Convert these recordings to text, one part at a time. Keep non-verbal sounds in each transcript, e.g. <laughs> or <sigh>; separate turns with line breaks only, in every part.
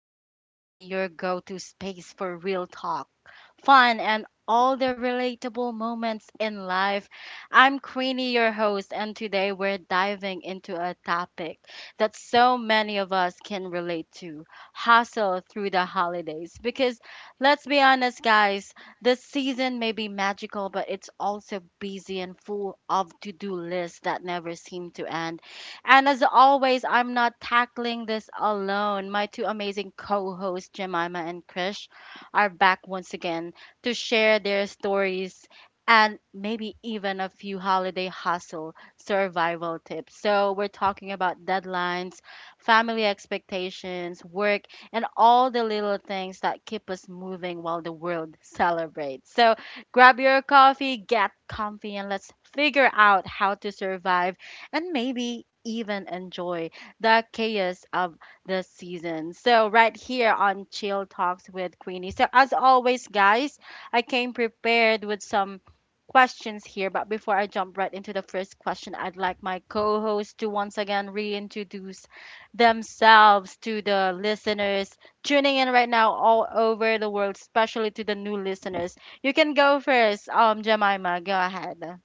with Queenie, your go to space for real talk fun, and all the relatable moments in life. I'm Queenie, your host, and today we're diving into a topic that so many of us can relate to hustle through the holidays. Because let's be honest, guys, this season may be magical, but it's also busy and full of to do lists that never seem to end. And as always, I'm not tackling this alone. My two amazing co hosts, Jemima and Krish, are back once again to share their stories and maybe even a few holiday hustle survival tips. So, we're talking about deadlines, family expectations, work, and all the little things that keep us moving while the world celebrates. So, grab your coffee, get comfy, and let's figure out how to survive and maybe even enjoy the chaos of the season. So, right here on Chill Talks with Queenie. So, as always, guys, I came prepared with some questions here, but before I jump right into the first question, I'd like my co host to once again reintroduce themselves to the listeners tuning in right now all over the world, especially to the new listeners. You can go first, Jemima. Go ahead.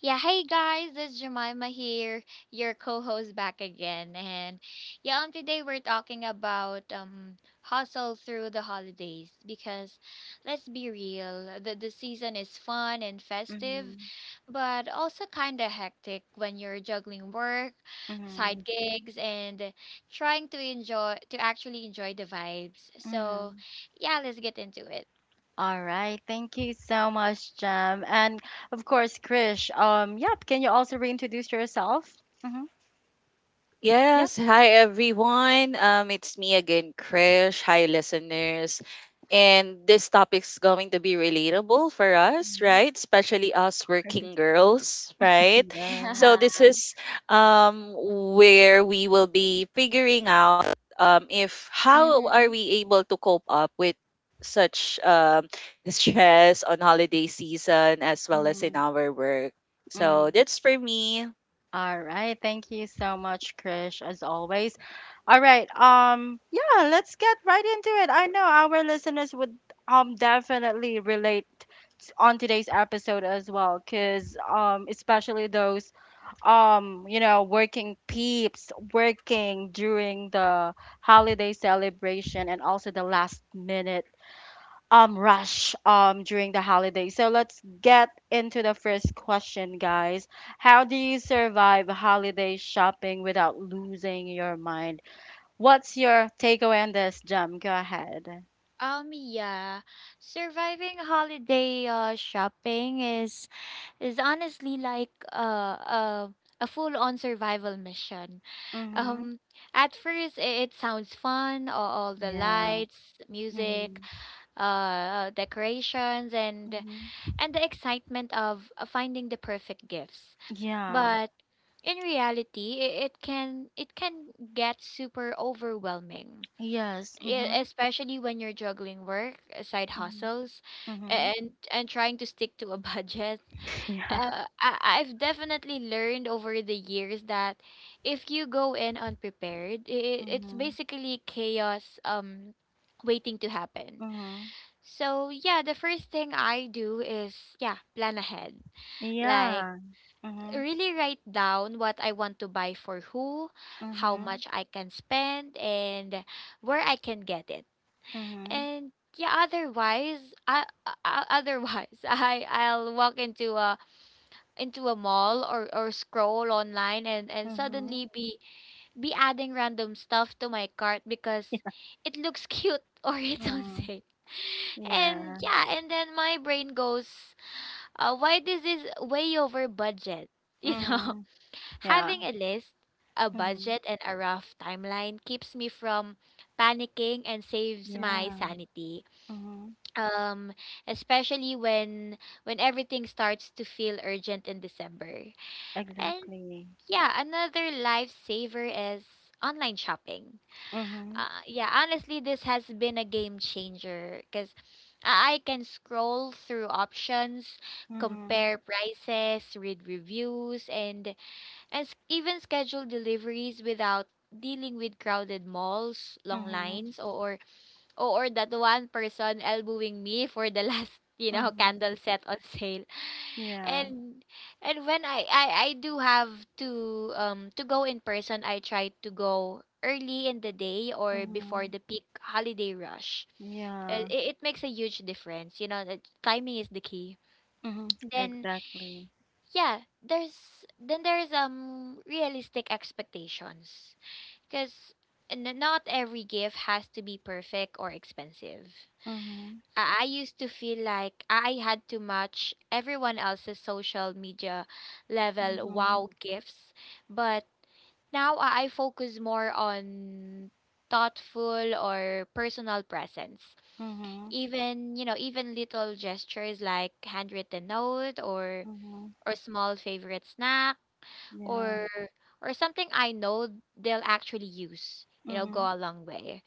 Yeah, hey guys, this is Jemima here, your co-host back again. And yeah, today we're talking about hustle through the holidays because let's be real, the season is fun and festive,
Mhm,
but also kinda hectic when you're juggling work,
mhm,
side gigs, and trying to enjoy to actually enjoy the vibes. So
mhm.
yeah, let's get into it.
All right, thank you so much, Jem. And of course, Krish, yep, can you also reintroduce yourself? Mm-hmm. Yep.
Yes, hi everyone. It's me again, Krish. Hi, listeners. And this topic's going to be relatable for us, right? Especially us
Mhm.
working girls, right?
<laughs>
Yeah.
So
Yeah.
this is um where we will be figuring out if how are
Mm-hmm.
we able to cope up with such <laughs> stress on holiday season as well as in
Mm,
our work. So
mm.
that's for me,
All right. Thank you so much, Krish, as always. All right. Yeah, let's get right into it. I know our listeners would definitely relate on today's episode as well, cause especially those you know, working peeps working during the holiday celebration and also the last minute rush during the holiday. So let's get into the first question, guys. How do you survive holiday shopping without losing your mind? What's your takeaway on this, Jam? Go ahead.
Um yeah, Surviving holiday shopping is honestly like a full-on survival mission.
Mm-hmm.
Um at first it sounds fun, all the
Yeah.
lights, music,
Mm-hmm.
decorations, and
Mm-hmm.
the excitement of finding the perfect gifts.
Yeah.
But in reality, it can get super overwhelming,
Yes. Mm-hmm.
especially when you're juggling work, side
Mm-hmm.
hustles,
Mm-hmm.
and trying to stick to a <laughs> budget.
<laughs> Yeah.
I've definitely learned over the years that if you go in unprepared, it's
Mm-hmm.
basically chaos, waiting to happen.
Mm-hmm.
So yeah, the first thing I do is, yeah, plan ahead. Like
Yeah. Mm-hmm.
really write down what I want to buy for who, how
Mm-hmm.
much I can spend, and where I can get it.
Mm-hmm.
And yeah, otherwise <laughs> I'll walk into a mall or scroll online and
Mm-hmm.
suddenly be adding random stuff to my cart because
<laughs>
it looks cute, <laughs> or it's on
Mm,
sale. And
yeah.
yeah, and then my brain goes, why, this is way over budget. <laughs> You know,
Mm, yeah.
having a list, a
Mhm.
budget, and a rough timeline keeps me from panicking and saves my
Yeah.
sanity,
Mhm.
um especially when everything starts to feel urgent in December. And
Exactly.
yeah, another lifesaver is online shopping.
Mhm.
Yeah, honestly this has been a game changer because I can scroll through options,
Mhm.
compare prices, read reviews, and even schedule deliveries without dealing with crowded malls, long
Mhm.
lines, or oh, or that one person elbowing me for the <laughs> last, you know, candle
Mhm.
set on sale.
Yeah.
And when I do have to go in person, I try to go early in the day or before the
Mhm.
peak holiday rush.
Yeah.
It, it makes a huge difference. You know, the timing is the key.
Mhm.
Then
Exactly.
yeah, there's realistic expectations, because not every gift has to be perfect or expensive.
Mhm.
I used to feel like I had to match everyone else's social media level
Mhm.
wow gifts, but now I focus more on thoughtful or personal presence.
Mhm.
Even, you know, even little gestures like handwritten note or
Mhm.
small favorite snack,
Yeah.
or something I know they'll actually use, you know, go
Mhm.
a long way.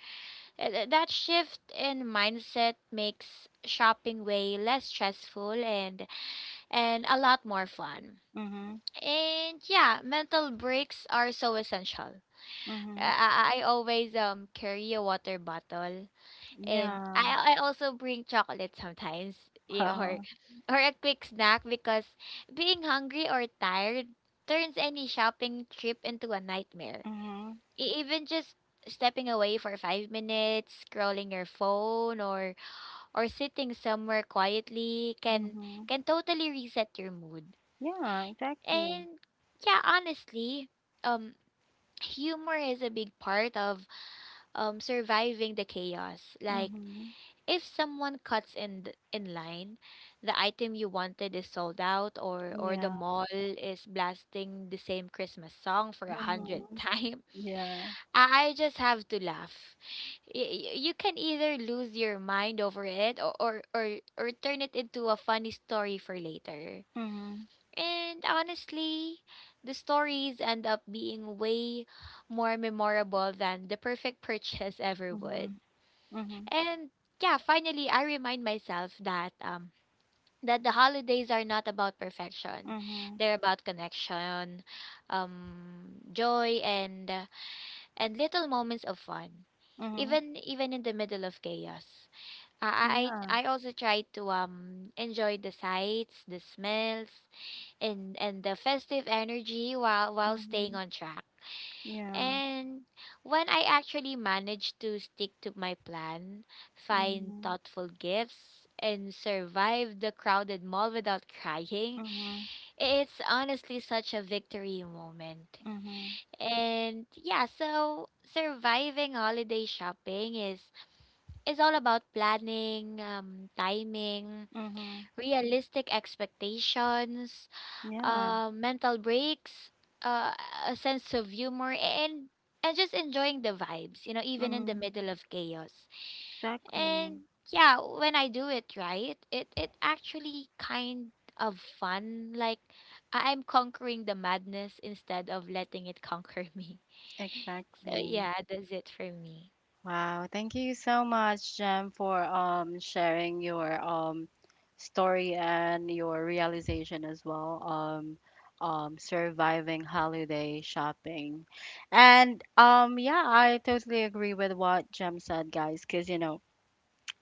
That shift in mindset makes shopping way less stressful and a lot more fun.
Mhm.
And yeah, mental breaks are so essential.
Mhm.
I always carry a water bottle, and
Yeah.
I also bring chocolate sometimes, <laughs> yeah, or
Wow.
a quick snack, because being hungry or tired turns any shopping trip into a nightmare.
Mhm.
Even just stepping away for 5 minutes, scrolling your phone, or sitting somewhere quietly can
Mhm.
totally reset your mood.
Yeah. Exactly.
And yeah, honestly, um humor is a big part of surviving the chaos. Like
Mhm.
if someone cuts in in line, the item you wanted is sold out, or the
Yeah.
mall is blasting the same Christmas song for a hundred <laughs>
Mhm.
times,
Yeah.
I just have to laugh. You can either lose your mind over it, or, turn it into a funny story for later.
Mhm.
And honestly, the stories end up being way more memorable than the perfect purchase <laughs> ever would.
Mhm. Mhm.
And yeah, finally I remind myself that that the holidays are not about perfection.
Mhm.
They're about connection, joy, and little moments of fun,
Mhm.
even in the middle of chaos.
Yeah.
I also try to enjoy the sights, the smells, and the festive energy while staying
Mhm.
on track.
Yeah.
And when I actually manage to stick to my plan, find
Mhm.
thoughtful gifts, and survive the crowded mall without <laughs> crying,
Mhm.
it's honestly such a victory moment.
Mhm.
And yeah, so surviving holiday shopping is all about planning, timing,
Mhm.
realistic expectations,
Yeah.
mental breaks, uh, a sense of humor, and just enjoying the vibes, you know, even in the
Mhm.
middle of chaos.
Exactly.
And yeah, when I do it right, it actually kind of fun. Like I- I'm conquering the madness instead of letting it conquer <laughs> me. So
Exactly.
yeah, that's it for me.
Wow. Thank you so much, Jem, for sharing your story and your realization as well. Surviving holiday shopping, and yeah, I totally agree with what Jem said, guys. Cause you know,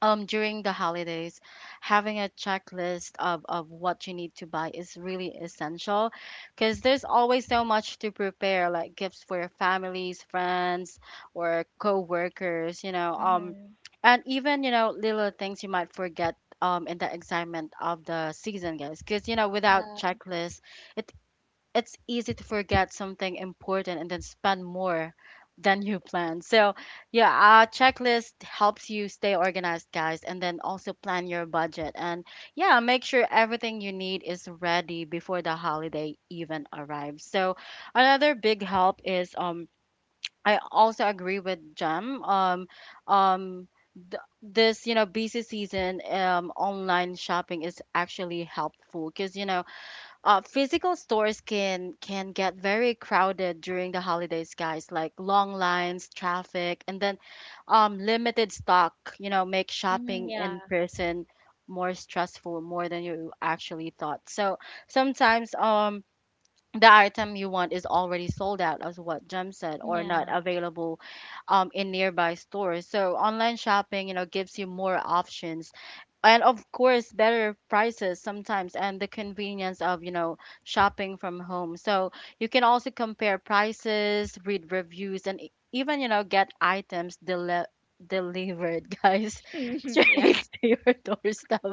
during the holidays having a checklist of what you need to buy is really essential because there's always so much to prepare like gifts for your families friends or co-workers you know and even you know little things you might forget in the excitement of the season guys because you know without
Yeah.
checklist it it's easy to forget something important and then spend more than you plan. So, yeah, a checklist helps you stay organized, guys, and then also plan your budget. And yeah, make sure everything you need is ready before the holiday even arrives. So, another big help is I also agree with Jem. Um this, you know, busy season online shopping is actually helpful because you know physical stores can get very crowded during the holidays, guys. Like long lines, traffic, and then limited stock. You know, make shopping
Yeah.
in person more stressful, more than you actually thought. So sometimes the item you want is already sold out, as what Jem said, or not
Yeah.
available in nearby stores. So online shopping, you know, gives you more options and of course better prices sometimes and the convenience of you know shopping from home so you can also compare prices read reviews and even you know get items delivered guys <laughs>
<laughs> Yeah.
straight to your doorstep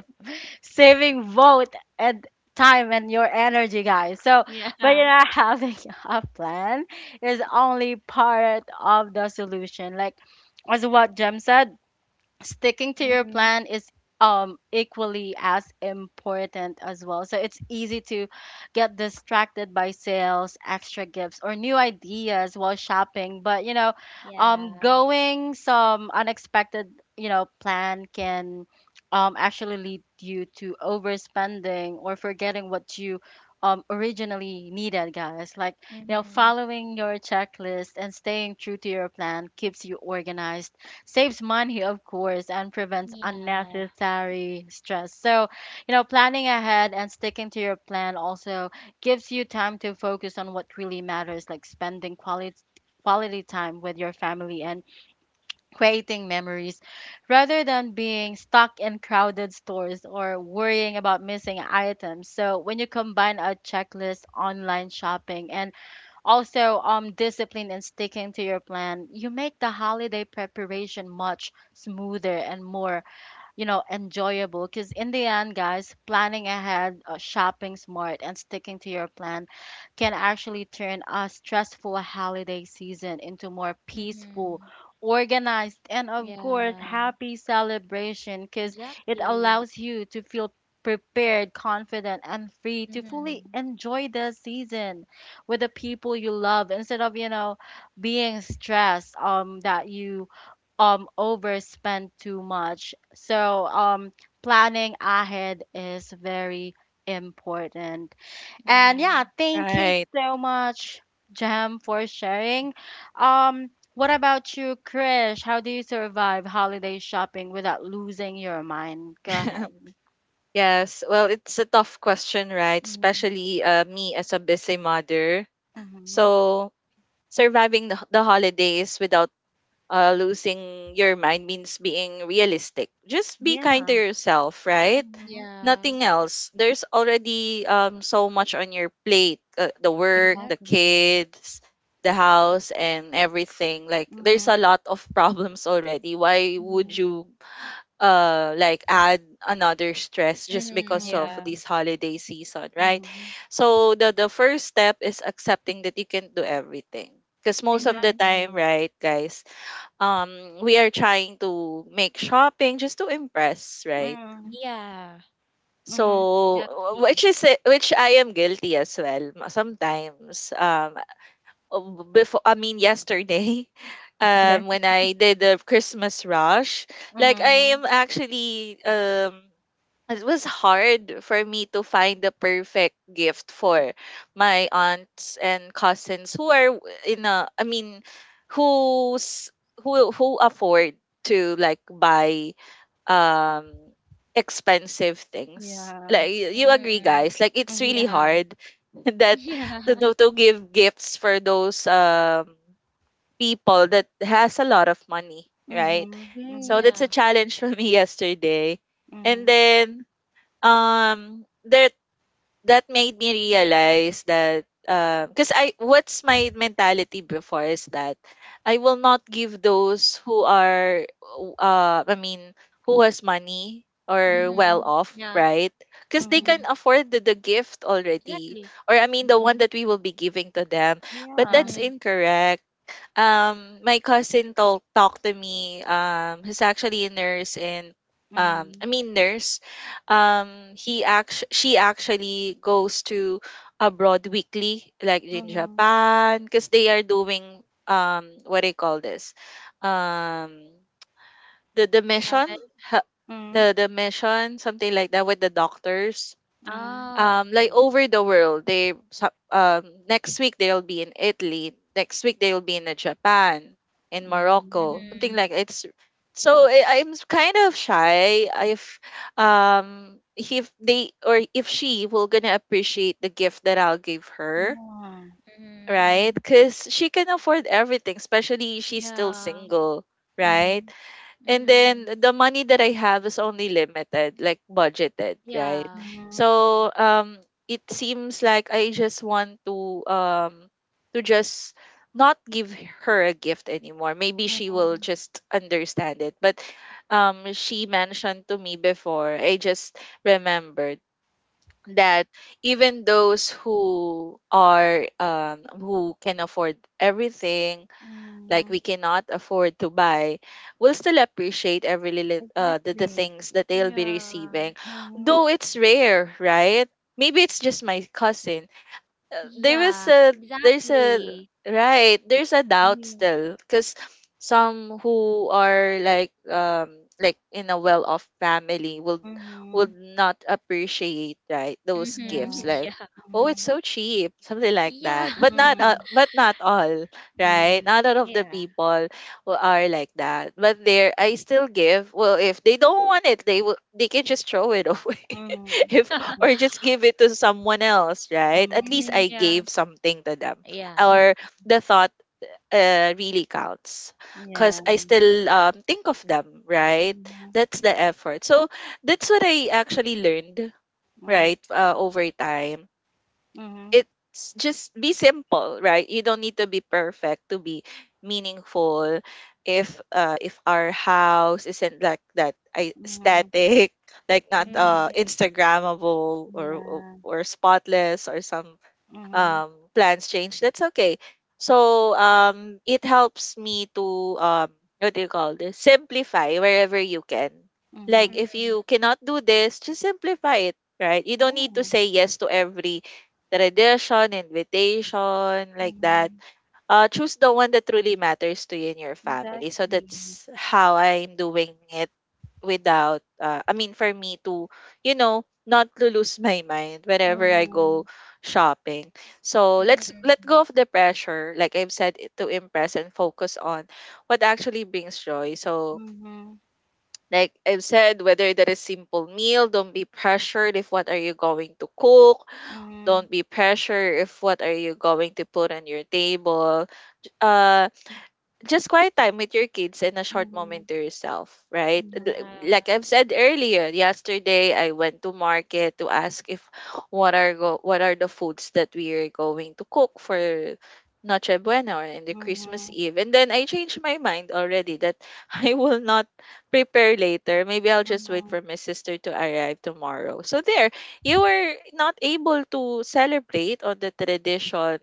saving both and time and your energy, guys. So, but
Yeah.
you know, <laughs> having a plan is only part of the solution. Like, as what Jem said, sticking to your
hmm
plan is equally as important as well so it's easy to get distracted by sales extra gifts or new ideas while shopping but you know
Yeah.
going some unexpected you know plan can actually lead you to overspending or forgetting what you originally needed guys like you know
hmm
following your checklist and staying true to your plan keeps you organized saves money of course and prevents
Yeah.
unnecessary stress so you know planning ahead and sticking to your plan also gives you time to focus on what really matters like spending quality time with your family and creating memories rather than being stuck in crowded stores or worrying about missing items so when you combine a checklist online shopping and also, discipline and sticking to your plan. You make the holiday preparation much smoother and more you know, enjoyable. Because in the end, guys, planning ahead, shopping smart, and sticking to your plan can actually turn a stressful holiday season into more peaceful,
Mm-hmm.
organized, and of course,
Yeah.
happy celebration because it
Exactly.
allows you to feel prepared, confident, and free to fully
Mm-hmm.
enjoy the season with the people you love instead of, you know, being stressed that you overspend too much. So planning ahead is very important. And
Yeah.
yeah, thank you
right?
so much, Jam, for sharing. Um what about you, Krish? How do you survive holiday shopping without losing your mind? Go
<laughs>
ahead.
Yes, well, it's a tough question, right? Especially me as a busy mother.
Mm-hmm.
So, surviving the holidays without losing your mind means being realistic. Just be kind to
Yeah.
yourself, right?
Mm-hmm.
Nothing else. There's already so much on your plate, the work, the
Exactly.
kids, the house, and everything. Like, there's a
Mm-hmm.
lot of <laughs> problems already. Why would
Mm-hmm.
you like add another stress just because of
Yeah.
this holiday season, right?
Mm-hmm.
So the first step is accepting that you can not do everything, because most of
hmm
the time,
Exactly.
right, guys, we are trying to make shopping just to impress, right?
Mm-hmm.
Yeah.
So
Exactly.
which is which I am guilty as well. Sometimes, before, I mean yesterday, <laughs>
<laughs> Okay.
when I did the Christmas rush, like I
Mhm.
am actually, it was hard for me to find the perfect gift for my aunts and cousins who are w- in a I mean who's, who afford to like buy um expensive things,
Yeah.
like you
Mm-hmm.
agree, guys, like it's really
Mhm.
Yeah.
hard <laughs> that to,
<laughs>
to give gifts for those people that has a lot of money, right?
Mhm.
Yeah. Mm,
So
Mhm.
that's
yeah.
a challenge <laughs> for me yesterday. And
Mhm.
then there, that made me realize that, because I, what's my mentality before is that I will not give those who are, uh I mean who has money or
Mm-hmm.
well
Mhm.
off,
Yeah.
right? Because they
Mm-hmm.
can
Mhm.
afford the gift already.
Exactly.
Or I mean the one
Mhm.
that we will be giving to them. But
Yeah.
that's
Mm-hmm.
incorrect. My cousin told talked to me. He's actually a nurse, and
Mhm.
nurse. He act She actually goes to abroad weekly, like in
Mhm.
Japan, because they are doing what do you call this, um the mission.
Travel.
ha-
Mhm.
the mission, something like that, with the doctors.
Mhm.
Oh,
Like
okay.
over the world, next week they'll be in Italy, next week they'll be in Japan, in Morocco, something
Mm-hmm.
Mhm.
like it's. So I, kind of shy if, if they, or if she will gonna appreciate the gift that I'll give her,
Yeah.
Mm-hmm.
right?
Mhm.
Because she can afford everything, especially she's still
Yeah.
single, right?
Mhm.
And then
Mm-hmm.
the money that I have is only limited, like budgeted, right?
Yeah.
Mhm.
So it seems like I just want to, to just not give her a gift anymore. Maybe she will
Mhm.
just understand it. But she mentioned to me before, I just remembered that even those who are, who can afford everything, like we
Mhm.
cannot afford to buy, will still appreciate every little, the
Exactly.
things that they'll be
Yeah.
receiving,
Mhm.
though it's rare, right? Maybe it's just my cousin. uh, there is
Yeah,
a there's a,
exactly.
right, there's a doubt still because some who are like, like in a well-off family will would
Mhm.
not appreciate, right, those
Mm-hmm.
gifts,
Yeah.
<laughs>
like
Yeah.
oh it's
Mhm.
so cheap, something like
Yeah.
that, but not,
Mhm.
but not all, right,
Mhm.
not all
<laughs>
of the
Yeah.
people who are like that. But there I still give. Well, if they don't want it, they can just throw it away <laughs>
Mhm.
if, or just give it to someone else, right? At
Mhm.
least
Mm,
I
yeah.
gave something to them.
Yeah.
Mhm.
Or the thought, really counts because
Yeah.
I still, think of them, right?
Mhm.
That's the effort. So that's what I actually learned,
Mhm.
right, over time,
Mhm.
it's just be simple, right? You don't need to be perfect to be meaningful. If, if our house isn't like that
Mhm.
aesthetic, <laughs> like not
Mhm.
instagrammable, or or
Yeah.
or spotless, or some.
Mhm.
Plans change, that's okay. So, it helps me to, what do you call this? Simplify wherever you can. Like
Mhm.
if you cannot do this, just simplify it, right? You don't need to
Yeah.
say yes to every tradition, invitation, like that.
Mhm.
Choose the one that truly matters to you and your family. So
Exactly.
that's how I'm doing it without, I mean for me to, you know, not to lose <laughs> my mind whenever I go
Mhm.
shopping. So let's
Mm-hmm.
let go of the pressure, like I've said, to impress, and focus on what actually brings joy. So
Mhm.
like I've said, whether that is simple meal, don't be pressured if what are you going to cook, don't
Mhm.
be pressured if what are you going to put on your table. Uh just quiet time with your kids and a short moment
Mhm.
to yourself, right?
Mhm.
Yeah.
Like I've said earlier, yesterday I went to market to ask if, what are the foods that we are going to cook for Noche Buena or in the Christmas
Mhm.
Eve. And then I changed my mind already that <laughs> I will not prepare later. Maybe I'll just wait for
Mhm.
my sister to arrive tomorrow. So there, you were not able to celebrate on the tradition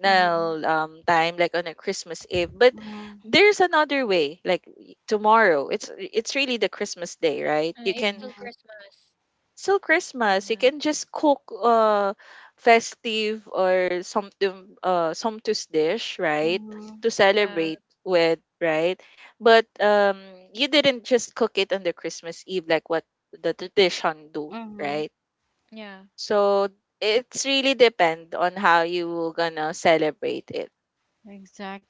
now,
Mhm.
time, like on a Christmas Eve, but there's another way, like tomorrow, it's really the Christmas Day, right? You
It's
can
still
Mhm.
Christmas.
still Christmas, you
Yeah.
can just cook festive or something sumptuous dish,
Mhm.
right,
Mhm.
to
Yeah.
celebrate with, right? But, you didn't just cook it on the Christmas Eve, like what the tradition do,
Mhm.
right?
Yeah.
So it's really depend on how you gonna celebrate it,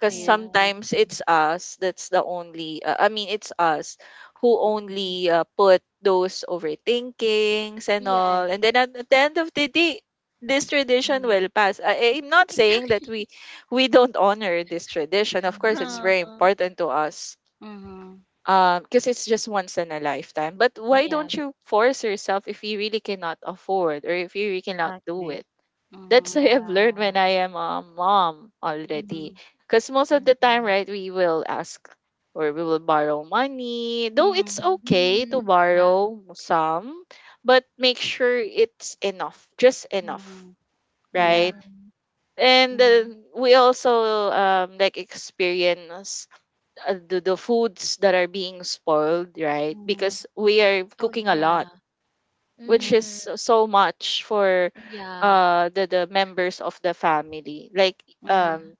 because
Yeah.
sometimes
Exactly.
it's us that's the only, it's us who
Mhm.
only, put those overthinkings and all,
Yeah.
and then at the end of the day this tradition
Mhm.
will pass. I, I'm not saying that
Exactly. <laughs>
we don't honor this tradition, of course it's
Mhm.
Huh.
very important to us.
Mhm.
Because it's just once in a lifetime, but why don't
Yeah.
you force yourself if you really cannot afford or if you really cannot do
Exactly.
it. That's
Mhm.
what I have learned when
Yeah.
I am a mom already.
Mhm.
Because most of the time, right,
Mm-hmm.
we will ask or we will borrow money. Though it's
Mhm.
okay to
Mm-hmm. Yeah.
borrow some, but make sure it's enough, just enough,
Mhm. Yeah.
right?
Mm-hmm.
And,
Mhm.
we also, like experience, the foods that are being spoiled, right?
Mhm.
Because we are
Oh,
cooking a lot,
yeah.
which is
Mhm.
Mm-hmm.
so so much for,
Yeah.
the members of the family, like,
Yeah.
Mhm.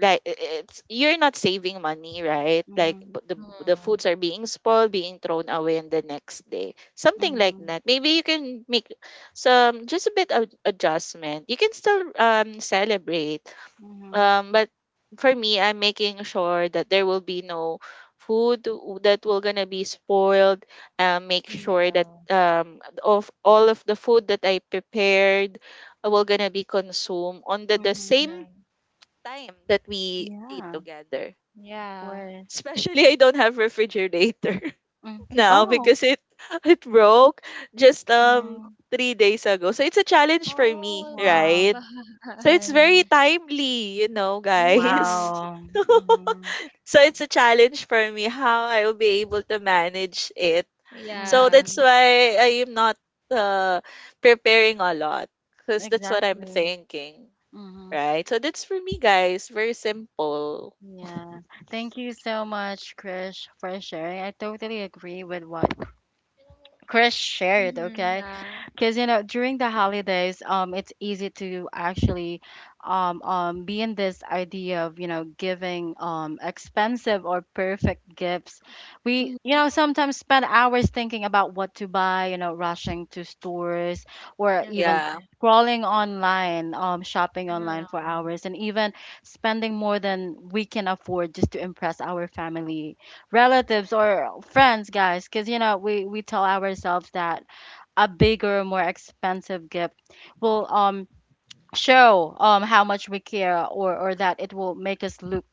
like it's, you're not saving money, right, like
Mhm.
the foods
Mm.
are being spoiled, being thrown away on the next day, something like
Mhm.
that. Maybe you can make some just a bit of adjustment, you can still celebrate,
Mhm.
but for me, I'm making sure that there will be no food that will gonna be spoiled. Make sure that
Yeah.
of all of the food that I prepared will gonna be consumed on the
Mhm.
same
Yeah.
time that we ate
Yeah, of
together.
Yeah.
course.
Especially, I don't have refrigerator
Mm.
<laughs> now
Oh.
<laughs>
because it <laughs> it broke just
Mm.
3 days ago. So it's a challenge for me,
Oh, that's
Wow.
right? So it's
bad.
very
<laughs>
Mhm.
timely, you know, guys.
Mhm.
Wow. Mhm.
<laughs> So it's a challenge for me how I will be able to manage it. So
Yeah.
that's
Mhm.
why I am not, uh, preparing a lot, because that's what I'm
Exactly.
thinking,
Mhm.
right? So that's for me, guys. Very simple.
Yeah. Thank you so much, Krish, for sharing. I totally agree with what Krish shared,
Mhm.
okay?
Yeah.
Because you know during the holidays it's easy to actually be in this idea of you know giving expensive or perfect gifts we
Mhm.
you know sometimes spend hours thinking about what to buy you know rushing to stores or even
Yeah.
Uh-huh.
scrolling online shopping online for
No.
hours and even spending more than we can afford just to impress our family relatives or friends guys because you know we tell ourselves that a bigger, more expensive gift will show how much we care or that it will make us look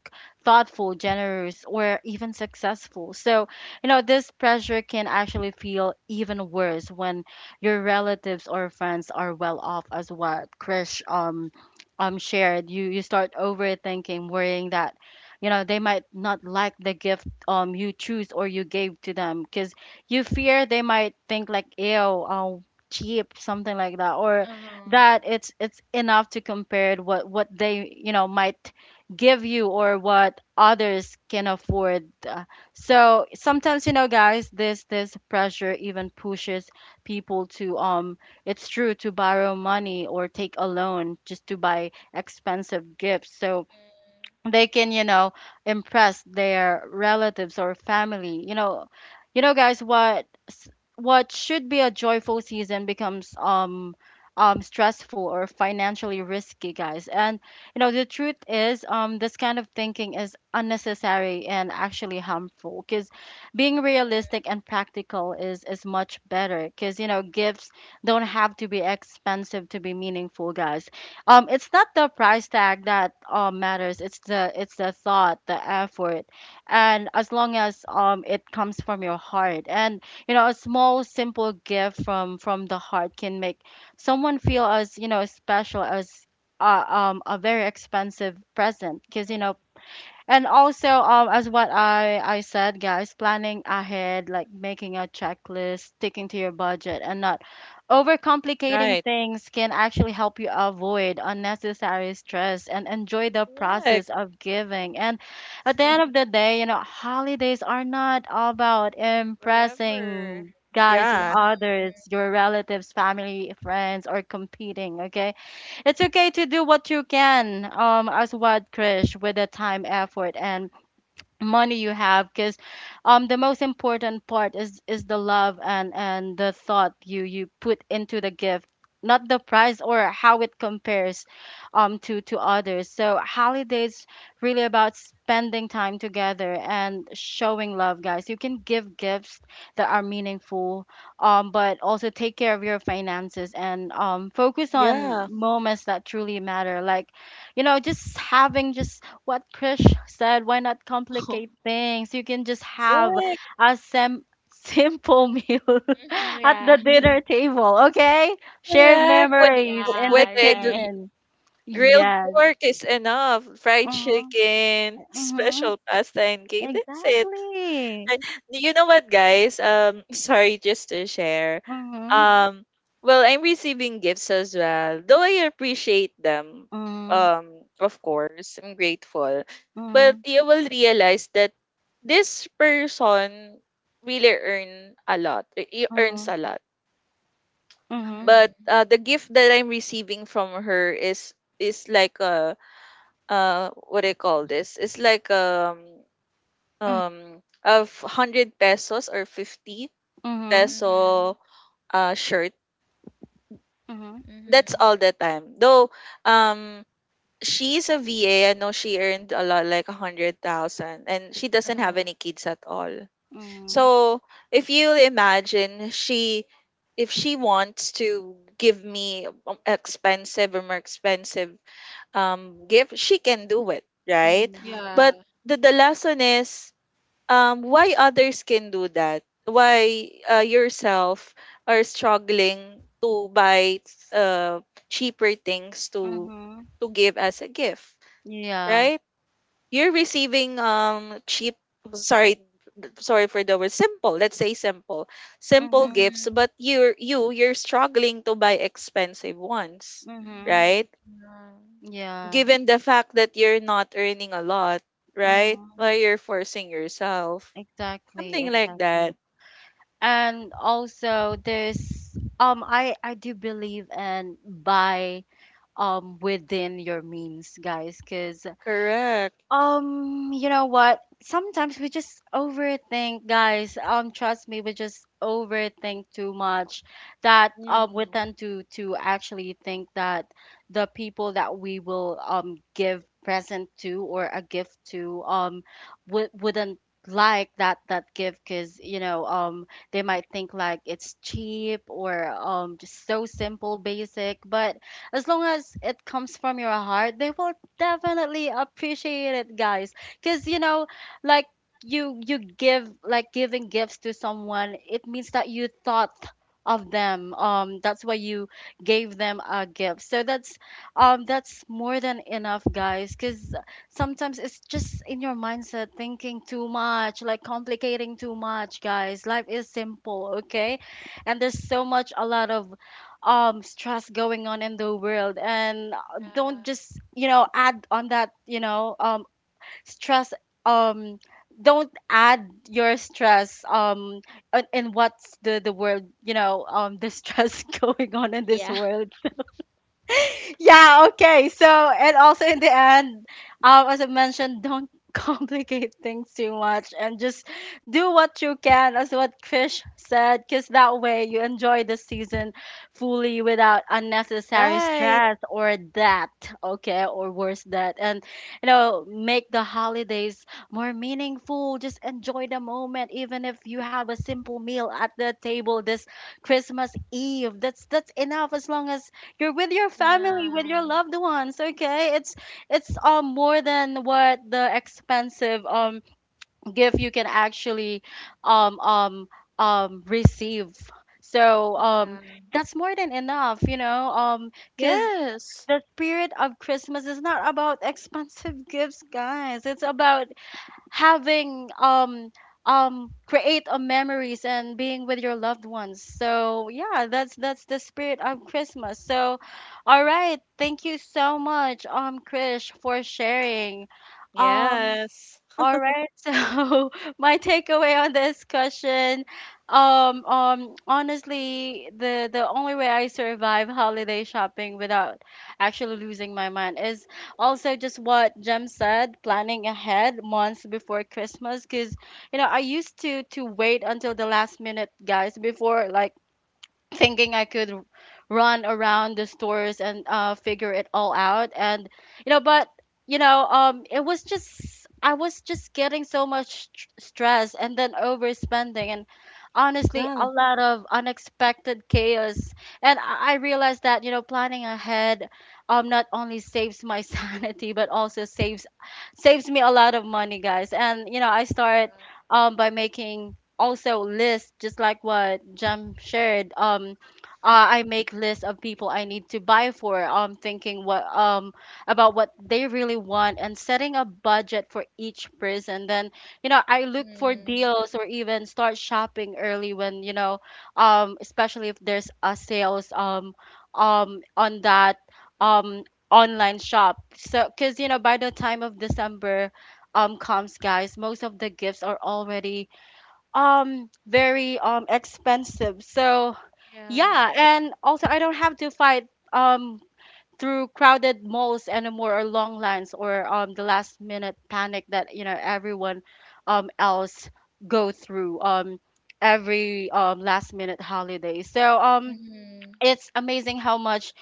thoughtful generous or even successful so you know this pressure can actually feel even worse when your relatives or friends are well off as what krish shared you you start overthinking worrying that you know they might not like the gift you choose or you gave to them because you fear they might think like ew um cheap something like that or
Uh-huh.
that it's enough to compare what they you know might give you or what others can afford so sometimes you know guys this this pressure even pushes people to it's true to borrow money or take a loan just to buy expensive gifts so they can you know impress their relatives or family you know guys what should be a joyful season becomes stressful or financially risky guys and you know the truth is this kind of thinking is unnecessary and actually harmful because being realistic and practical is much better because you know gifts don't have to be expensive to be meaningful guys it's not the price tag that matters it's the thought the effort and as long as it comes from your heart and you know a small simple gift from the heart can make someone feel as you know special as a very expensive present because you know
Mm-hmm.
and also, as what I said, guys, planning ahead, like making a checklist, sticking to your budget, and not overcomplicating
Right.
things can actually help you avoid unnecessary stress and enjoy the
Correct.
process of giving. And at the end of
<laughs>
the day, you know, holidays are not all about
Forever.
impressing guys with
Yeah.
others, your relatives, family, friends, or competing, okay? It's okay to do what you can, as what Krish with the time, effort, and money you have because the most important part is the love and the thought you put into the gift, not the price or how it compares to others. So holidays really about spending time together and showing love, guys. You can give gifts that are meaningful, but also take care of your finances and focus on
Yeah.
moments that truly matter, like just having just what Krish said, why not complicate
<laughs>
things. You can just have
Correct.
a simple <laughs> meal
Mm-hmm.
at the
Yeah. <laughs>
dinner
<laughs>
table, okay? Share
Correct.
memories
With,
in the
with egg.
Yeah. Right.
kitchen.
Grilled
Yes.
pork is enough. Fried
Mm-hmm.
chicken,
Mm-hmm.
special pasta and cake. That's it.
Exactly.
I- you know what, guys? <laughs> Sorry, just to share.
Mm-hmm.
Um, well, I'm receiving gifts as well. Though I appreciate them,
Mm-hmm.
of course, I'm grateful. But you will realize that this person really earn a lot. He earns
Mm-hmm.
a lot.
Mm-hmm.
But
Mhm.
the gift that I'm receiving from her is like a, what do you call this? It's like, a 100 pesos or 50
Mm-hmm.
Mhm.
peso shirt.
Mm-hmm.
That's
Mhm.
all the time. Though um she's a VA, I know she earned a lot like 100,000, and she doesn't have
Uh-huh.
any kids at all.
Mm-hmm.
Mhm.
So if you imagine she, if she wants to give me, expensive or more expensive gift, she can do it, right?
Mm-hmm.
Yeah.
But the lesson is, why others can do that, why, yourself are struggling to buy uh, cheaper things to
Mm-hmm.
give as a gift,
Yeah.
right? You're receiving cheap, sorry, sorry for the word simple, let's say simple,
Mm-hmm.
gifts,
Mhm.
but you're, you're struggling to buy expensive ones,
Mm-hmm.
Mhm.
right?
Yeah.
Given the fact that you're not earning a lot, right,
Mm,
why you're forcing yourself,
exactly,
something like that.
exactly. And also there's um, I do believe and buy within your means, guys, because
Correct.
um, you know what? Sometimes we just overthink, guys. Trust me, we just overthink too much that we
Mm.
tend to actually think that the people that we will give present to or a gift to would wouldn't like that gift, because you know, they might think like it's cheap, or just so simple, basic. But as long as it comes from your heart, they will definitely appreciate it, guys. Because you know like you give, like, giving gifts to someone, it means that you thought of them, that's why you gave them a gift. So that's, that's more than enough, guys. Because sometimes it's just in your mindset, thinking too much, like complicating too much, guys. Life is simple, okay? And there's so much a lot of stress going on in the world, and don't
Yeah.
just, add on that, you know, stress. um don't add your stress in what's the world, you know, the stress <laughs> going on in this
Yeah.
world. Yeah, okay. So, and also in the end, as I mentioned, don't <laughs> complicate things too much and just do what you can, as what Krish said, because that way you enjoy the season fully without unnecessary
Right.
stress or debt. Okay, or worse, debt. And, you know, make the holidays more meaningful. Just enjoy the moment, even if you have a simple meal at the table this Christmas Eve. That's enough, as long as you're with your family, with
Yeah.
your loved ones, okay? It's it's more than what the expensive gift you can actually um um receive. So
<laughs> Yeah.
that's more than enough, you know, because
Yes.
the spirit of Christmas is not about <laughs> expensive gifts, guys. It's about having create a memories and being with your loved ones. So yeah, that's the spirit of Christmas. So all right, thank you so much, Krish, for sharing. um
Yes.
all right. <laughs> So my takeaway on this question, honestly, the only way I survive holiday shopping without actually losing my mind is also just what Jem said, planning ahead months before Christmas. Because you know, I used to wait until the last minute, guys, before like thinking I could run around the stores and figure it all out. And you know, but you know, it was just I was just getting so much stress and then overspending and honestly
Yeah.
a lot of unexpected chaos. And I realized that you know, planning ahead not only saves my <laughs> sanity but also saves me a lot of money, guys. And you know, I start by making also list, just like what Jem shared.
Mm.
I make lists of people I need to buy for. Thinking what about what they really want, and setting a budget for each person. Then you know, I
Yeah.
look for
Mhm.
deals or even start shopping early, when you know, especially if there's a sales on that um online shop. So because you know, by the time of December comes, guys, most of the gifts are already very expensive. So
Yeah.
yeah, and also I don't have to fight um through crowded malls anymore, or long lines, or the last minute panic that you know everyone else go through every last minute holiday. So
Mhm.
it's amazing how much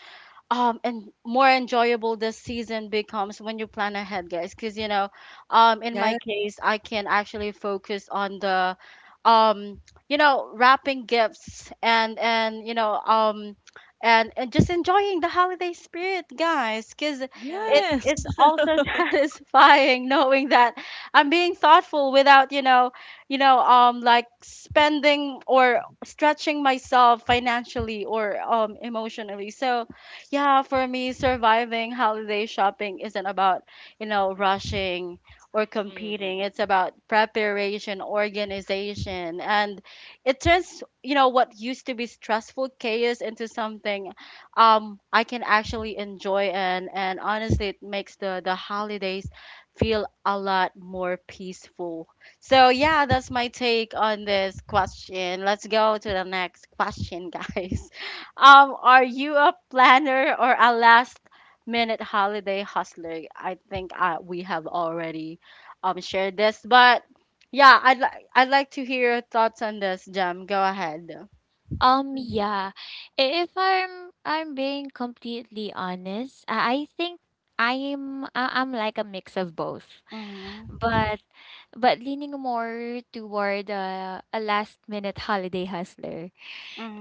and more enjoyable the season becomes when you plan ahead, guys. Because you know, in my
Yeah.
case, I can actually focus on the, um you know, wrapping gifts and you know, and just enjoying the holiday spirit, guys. Because
Yeah.
it
Yes.
it's
<laughs>
also <laughs> satisfying knowing that I'm being thoughtful without, you know, you know, like spending or stretching myself financially or emotionally. So yeah, for me, surviving holiday shopping isn't about, you know, rushing or competing.
Mm.
It's about preparation, organization, and it turns, you know, what used to be stressful chaos into something I can actually enjoy. And honestly, it makes the holidays feel a lot more peaceful. So yeah, that's my take on this question. Let's go to the next question, <laughs> guys. Are you a planner or a last minute holiday hustler? I think we have already shared this, but yeah, I'd like to hear your thoughts on this, Jam. Go ahead. Mhm.
Yeah. I- If I'm being completely honest, I think I'm like a mix of both.
Mhm.
But but leaning more toward a last minute holiday hustler.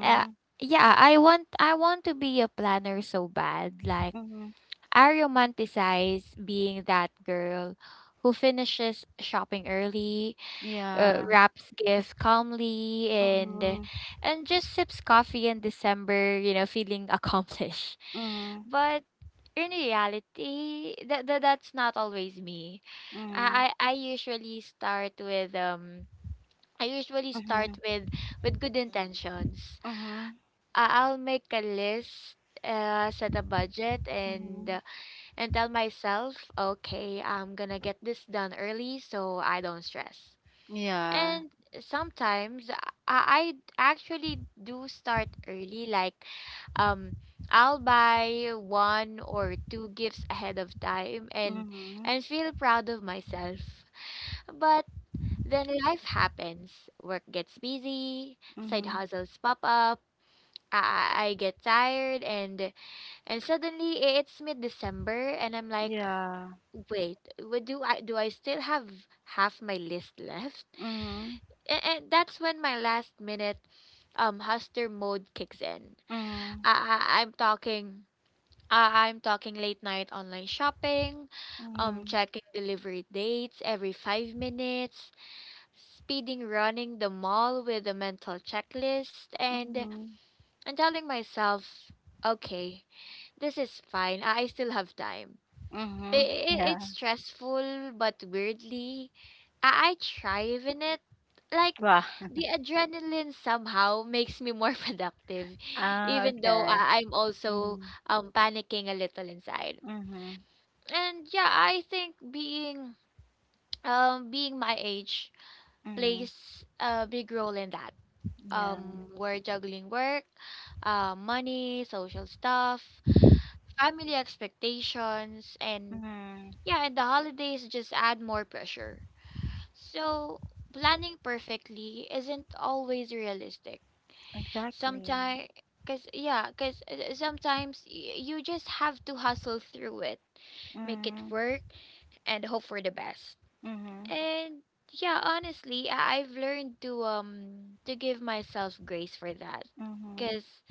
Uh, yeah, I want to be a planner so bad. Like
Mhm.
I romanticize being that girl who finishes shopping early,
Yeah.
wraps gifts calmly,
Mhm.
and just sips coffee in December, you know, feeling accomplished. <laughs>
Mhm.
But in reality, that's not always me.
Mhm.
I usually start with I usually start
Mhm.
with with good
Mm.
intentions.
Mhm.
I'll make a list, set a budget,
Mhm.
and tell myself, okay, I'm gonna get this done early so I don't stress.
Yeah.
And sometimes I actually do start early, like um I'll buy one or two gifts ahead of time and
Mhm.
feel proud of myself. But then life happens. Work gets busy, side
Mhm.
hustles pop up, I get tired, and suddenly it's mid-December and I'm like,
Yeah.
wait, what do I do, I still have half my list left?
Mhm.
And that's when my last minute hustler mode kicks in.
Mhm.
I, I I'm talking I'm talking late night online shopping,
Mhm.
checking delivery dates every 5 minutes, speeding running the mall with a mental checklist, and
Mhm.
telling myself, okay, this is fine. I still have time.
Mhm. Yeah.
It's stressful but weirdly I thrive in it. Like
Wow.
the adrenaline somehow makes me more <laughs> productive,
Ah,
even though
okay.
I'm also
Mhm.
panicking a little inside.
Mhm.
And yeah, I think being being my age
Mhm.
plays a big role in that.
Yeah.
We're juggling work, money, social stuff, family expectations, and
Mhm.
yeah, and the holidays just add more pressure. So, planning perfectly isn't always realistic.
Exactly.
Sometimes, cause yeah, cause sometimes you just have to hustle through it, make it
Mhm.
work, and hope for the best.
Mhm.
And yeah, honestly, I- I've learned to give myself grace for that.
Mhm.
Cause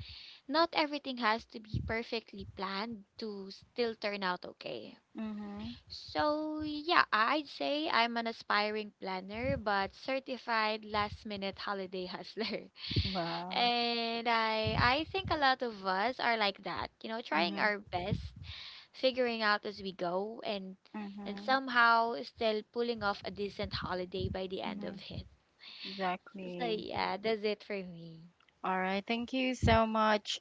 not everything has to be perfectly planned to still turn out okay.
Mhm.
So, yeah, I'd say I'm an aspiring planner but certified last minute holiday hustler. <laughs>
Wow.
And I think a lot of us are like that, you know, trying
Mhm.
our best, figuring out as we go, and
Mhm.
somehow still pulling off a decent holiday by the end of
Mhm.
it. <laughs> So,
Exactly.
yeah, that's it for me.
All right, thank you so much,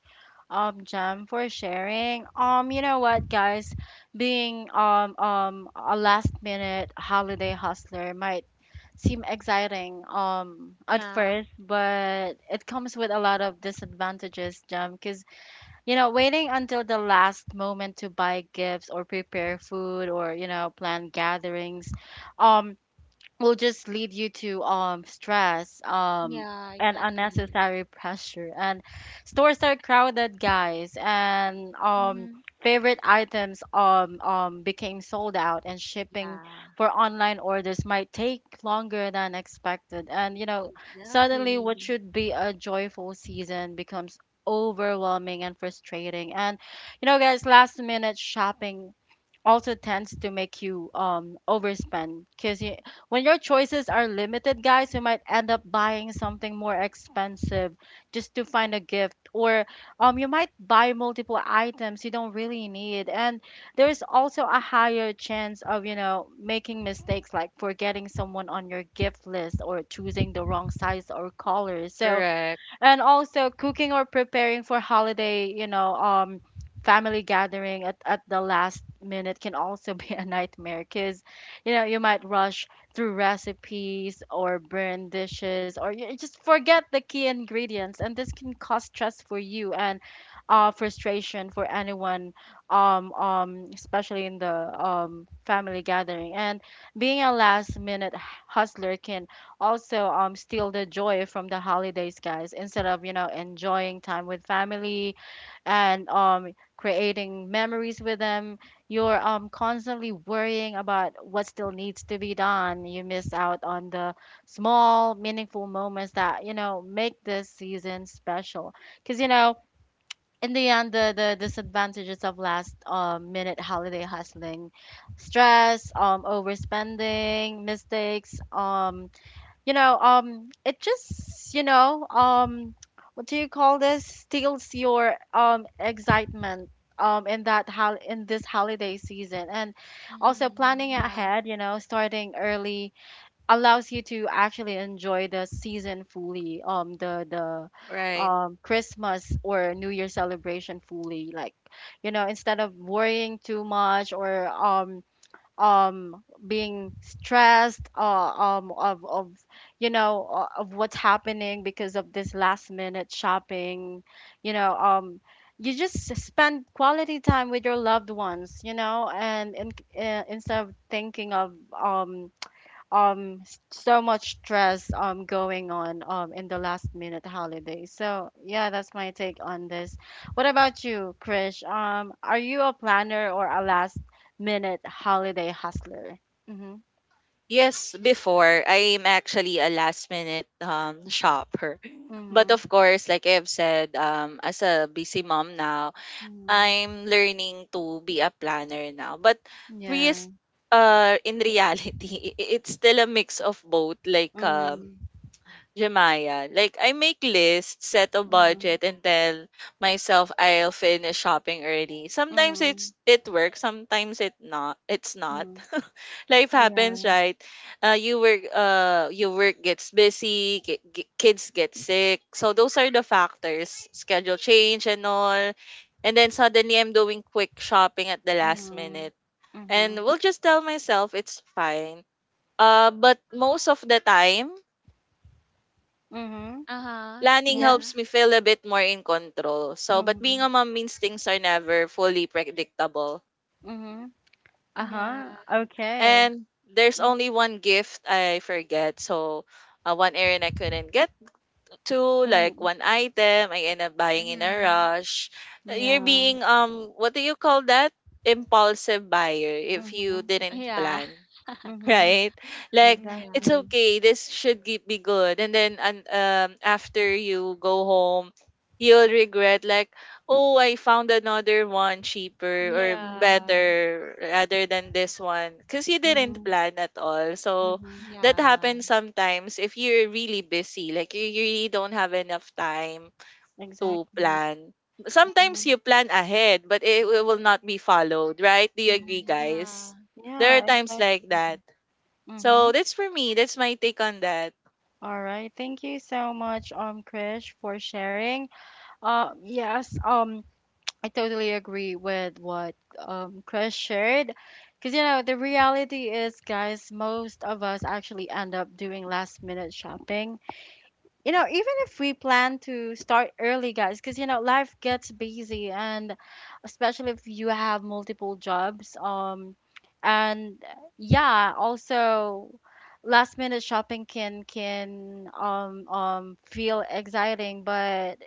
Jem, for sharing. You know what, guys, being a last minute holiday hustler might seem exciting at
Yeah.
first, but it comes with a lot of disadvantages, Jam. Because you know, waiting until the last moment to buy gifts, or prepare food, or you know, plan gatherings, um will just lead you to stress
Yeah,
and
exactly.
unnecessary pressure. And stores are crowded, guys, and
Mm-hmm.
favorite items became sold out, and shipping
Yeah,
for online orders might take longer than expected. And you know, suddenly
exactly.
what should be a joyful season becomes overwhelming and frustrating. And you know, guys, last minute shopping also tends to make you overspend, because you, when your choices are limited, guys, you might end up buying something more expensive just to find a gift, or you might buy multiple items you don't really need. And there's also a higher chance of, you know, making mistakes like forgetting someone on your gift list, or choosing the wrong size or color. So,
Correct.
and also cooking or preparing for holiday, you know, family gathering at the last minute can also <laughs> be a nightmare. Because you know, you might rush through recipes, or burn dishes, or you just forget the key ingredients, and this can cause stress for you, and frustration for anyone, especially in the, family gathering. And being a last minute hustler can also steal the joy from the holidays, guys. Instead of, you know, enjoying time with family and creating memories with them, you're constantly worrying about what still needs to be done. You miss out on the small meaningful moments that, you know, make this season special. Because you know, in the end, the disadvantages of last minute holiday hustling, stress, overspending, mistakes, you know, it just, you know, what do you call this, steals your excitement in that in this holiday season. And also
Mm-hmm.
planning
Yeah.
ahead, you know, starting early, allows you to actually enjoy the season fully, the
Right.
Christmas or new year celebration fully. Like you know, instead of worrying too much, or being stressed, of you know, of what's happening because of this last minute shopping, you know, you just spend quality time with your loved ones, you know. And in, instead of thinking of um so much stress going on in the last minute holiday. So yeah, that's my take on this. What about you, Krish? Are you a planner or a last minute holiday hustler? Mm-hmm.
Yes, before I'm actually a last minute shopper. But
Mm-hmm.
of course, like I've said, as a busy mom now,
Mm-hmm.
I'm learning to be a planner now. Re-
Yeah.
in reality, <laughs> i- it's still a mix of both, like
Mm-hmm.
Jemaya. Like I make lists, set a
Mm-hmm.
budget, and tell myself I'll finish shopping early. Sometimes
Mm-hmm.
it works, sometimes it's not.
Mm-hmm.
<laughs> Life happens,
Yeah.
right? You work, your work gets busy, kids get sick. So those are the factors. Schedule change and all. And then suddenly I'm doing quick shopping at the last
Mm-hmm.
minute. And
Mm-hmm.
will just tell myself it's fine. But most of the time
Mm-hmm.
Uh-huh.
planning
Yeah.
helps
Yeah.
me feel a bit more in control. So, but
Mm-hmm.
being a mom means things are never fully predictable.
Mm-hmm.
Yeah.
Uh-huh. Okay.
And there's
Mm-hmm.
only one gift I forget. So, one errand I couldn't get to, like
Mm-hmm.
one item I end up buying in a
Mhm.
rush. You're
Yeah.
being what do you call that? Impulsive buyer if you
Mm-hmm.
didn't
Yeah.
plan.
<laughs>
Mhm.
Right? Like
Yeah.
it's
Exactly.
okay. This should be good. And then and after you go home, you'll regret like, oh, I found another one cheaper or
Mhm.
Yeah.
better rather than this one because you didn't
Mhm.
plan at all. So
Mhm.
that happens
Yeah.
sometimes if you're really busy, like you really don't have enough time to
Exactly.
plan. Sometimes
Mhm.
you plan ahead, but it will not be followed, right? Do you agree,
Mhm.
guys?
Yeah.
There are
Yeah,
times like that,
exactly.
so
Mhm.
that's for me. That's my take on that.
All right, thank you so much, Krish, for sharing. Yes. I totally agree with what Krish shared, because you know the reality is, guys, most of us actually end up doing last minute shopping, you know, even if we plan to start early, guys, because you know life gets busy, and especially if you have multiple jobs. And yeah, also last minute shopping can feel exciting, but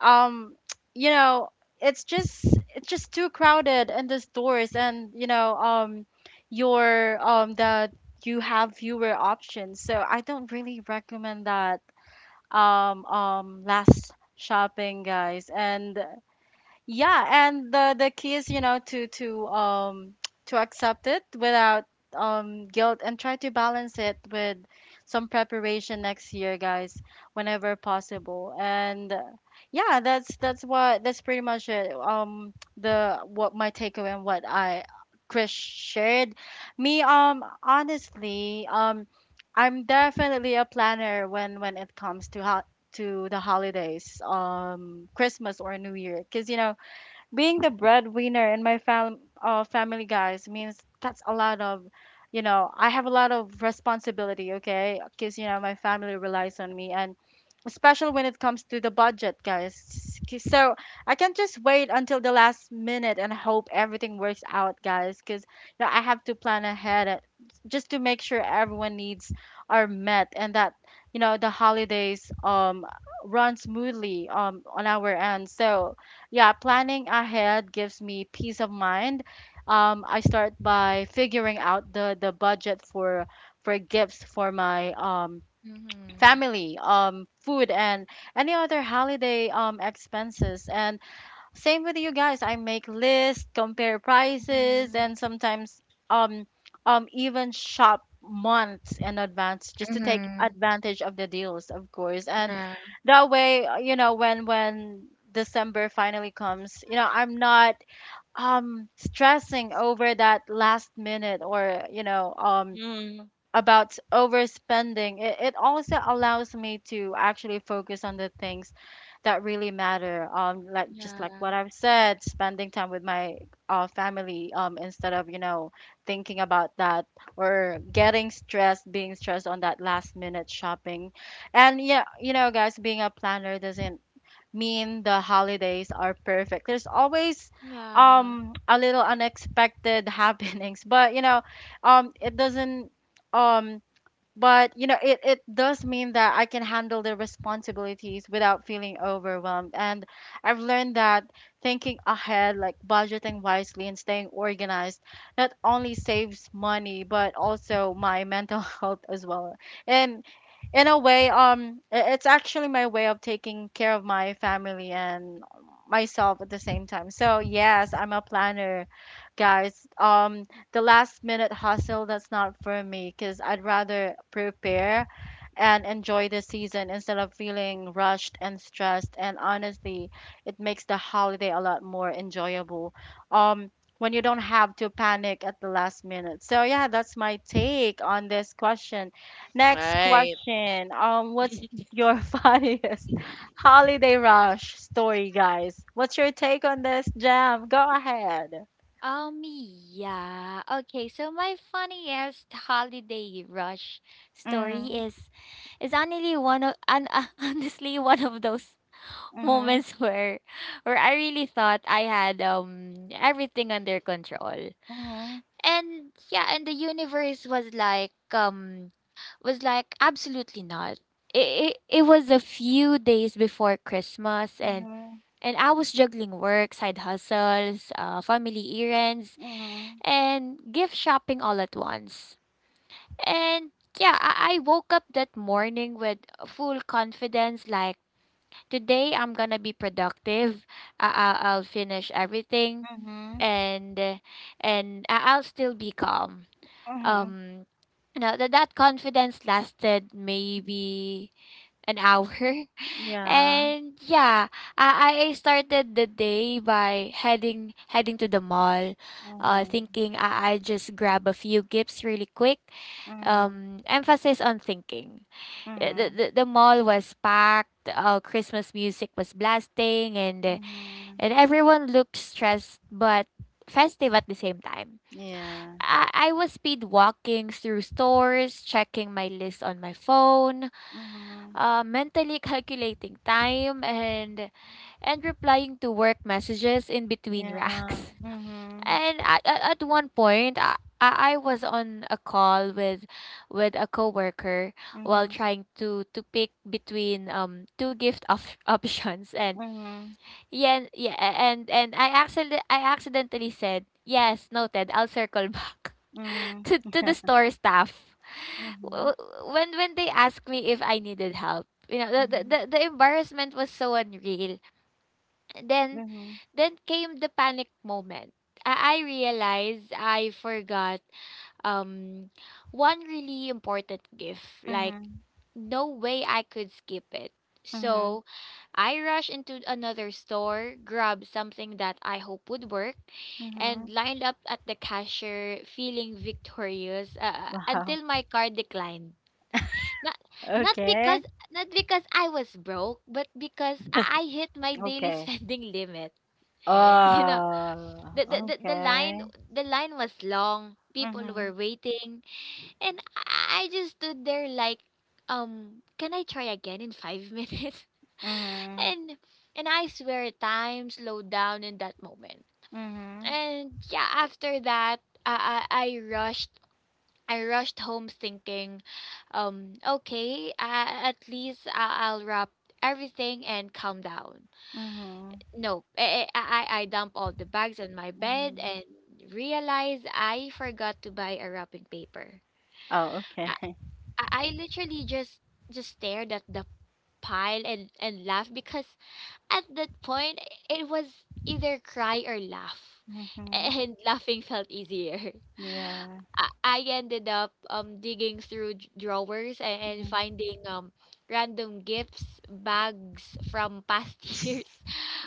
um <tsk> you know it's just it's just too crowded in the stores, and you know, your um the you have fewer options, so I don't really recommend that last shopping, guys. And the key is, you know, to <tsk> to accept it without guilt, and try to balance it with some preparation next year, guys, whenever possible, and yeah, that's pretty much it. <tsk> The what My takeaway and what I, Chris, shared me, honestly, I'm definitely a planner when it comes to how to the holidays, Christmas or New Year, because you know, being the breadwinner in my family, guys, means that's a lot of, you know, I have a lot of responsibility, okay? Because, you know, my family relies on me, and especially when it comes to the budget, guys. So I can't just wait until the last minute and hope everything works out, guys, because you know, I have to plan ahead, just to make sure everyone needs are met, and that you know the holidays run smoothly on our end. So yeah, planning ahead gives me peace of mind. I start by figuring out the budget for gifts for my
Mhm.
family, food, and any other holiday expenses. And same with you guys, I make lists, compare prices, and
Mhm.
sometimes um even shop months in advance, just to take
Mhm.
advantage of the deals, of course. And
Yeah.
that way, you know, when December finally comes, you know, I'm not stressing over that last minute, or you know,
Mm.
about overspending. It also allows me to actually focus on the things that really matter. Like, just like what
Yeah.
I've said, spending time with my family, instead of, you know, thinking about that, or getting stressed, being stressed on that last minute shopping. And yeah, you know, guys, being a planner doesn't mean the holidays are perfect. There's always
Yeah.
a little unexpected <laughs> happenings, but you know, it doesn't, um but you know it does mean that I can handle the responsibilities without feeling overwhelmed. And I've learned that thinking ahead, like budgeting wisely and staying organized, not only saves money but also my mental <laughs> health as well. And, in a way, it's actually my way of taking care of my family and myself at the same time. So yes, I'm a planner, guys. The last minute hustle, that's not for me, because I'd rather prepare and enjoy the season instead of feeling rushed and stressed. And honestly, it makes the holiday a lot more enjoyable, Um, when you don't have to panic at the last minute. So yeah, that's my take on this question. Next
Right.
question. What's your <laughs> funniest holiday rush story, guys? What's your take on this, Jam? Go ahead.
Oh, me, yeah. Okay, so my funniest holiday rush story
Mm-hmm.
is honestly one of and <laughs> honestly one of those <laughs> moments where I really thought I had everything under control.
Mm-hmm.
And yeah, and the universe was like absolutely not. It was a few days before Christmas, and
Mm-hmm.
I was juggling work, side hustles, family errands,
Mm-hmm.
and gift shopping all at once. And yeah, I woke up that morning with full confidence like, today I'm gonna be productive. I'll finish everything,
Mm-hmm.
and I- I'll still be calm.
Mm-hmm.
Um, you know, that that confidence lasted maybe an hour. <laughs>
Yeah.
And yeah, I started the day by heading to the mall,
Mhm,
thinking I just grab a few gifts really quick.
mhm,
Emphasis on thinking.
mhm,
The mall was packed. Christmas music was blasting, and
mhm.
everyone looked stressed but festive at the same time.
Yeah.
I was speed walking through stores, checking my list on my phone,
Mhm.
mentally <laughs> calculating time, and replying to work messages in between
Yeah.
racks. <laughs>
Mhm.
And at one point, I was on a call with a coworker while
Mhm.
trying to pick between two gift of <laughs> options and
Mhm.
yeah, yeah, and I accidentally said yes, noted, I'll circle <laughs> back
Mhm.
to the
Yeah.
store staff
Mhm.
w-
Mhm.
when they asked me if I needed help. The embarrassment was so unreal. Then
Mhm.
then came the panic moment. I realized I forgot um one really important gift. Like,
Mhm.
no way I could skip it.
Mhm.
So I rushed into another store, grabbed something that I hope would work, and
Mhm. <laughs>
lined up at the cashier feeling victorious,
Wow.
until my card declined. Not not because
Okay.
not because I was broke, but because I
<laughs>
hit my daily <laughs>
Okay.
spending limit. You
Mm,
know,
Uh,
the, the the the line
okay.
the line was long. People
Mhm.
were waiting, and I just stood there like, can I try again in 5 <laughs> minutes?
Mhm.
and and I swear time slowed down in that moment.
Mhm.
And yeah, after that, I rushed home thinking, okay, at least I'll wrap everything and calm down.
Mhm.
No, I dump all the bags on my bed
Mhm.
and realize I forgot to buy a wrapping paper.
Oh, okay. <laughs>
I literally just stared at the pile and laughed because at that point it was either cry or laugh,
Mhm.
and <laughs> laughing felt easier.
Yeah.
<laughs> I ended up digging through drawers and
Mhm.
finding random gifts, bags from past <laughs> years,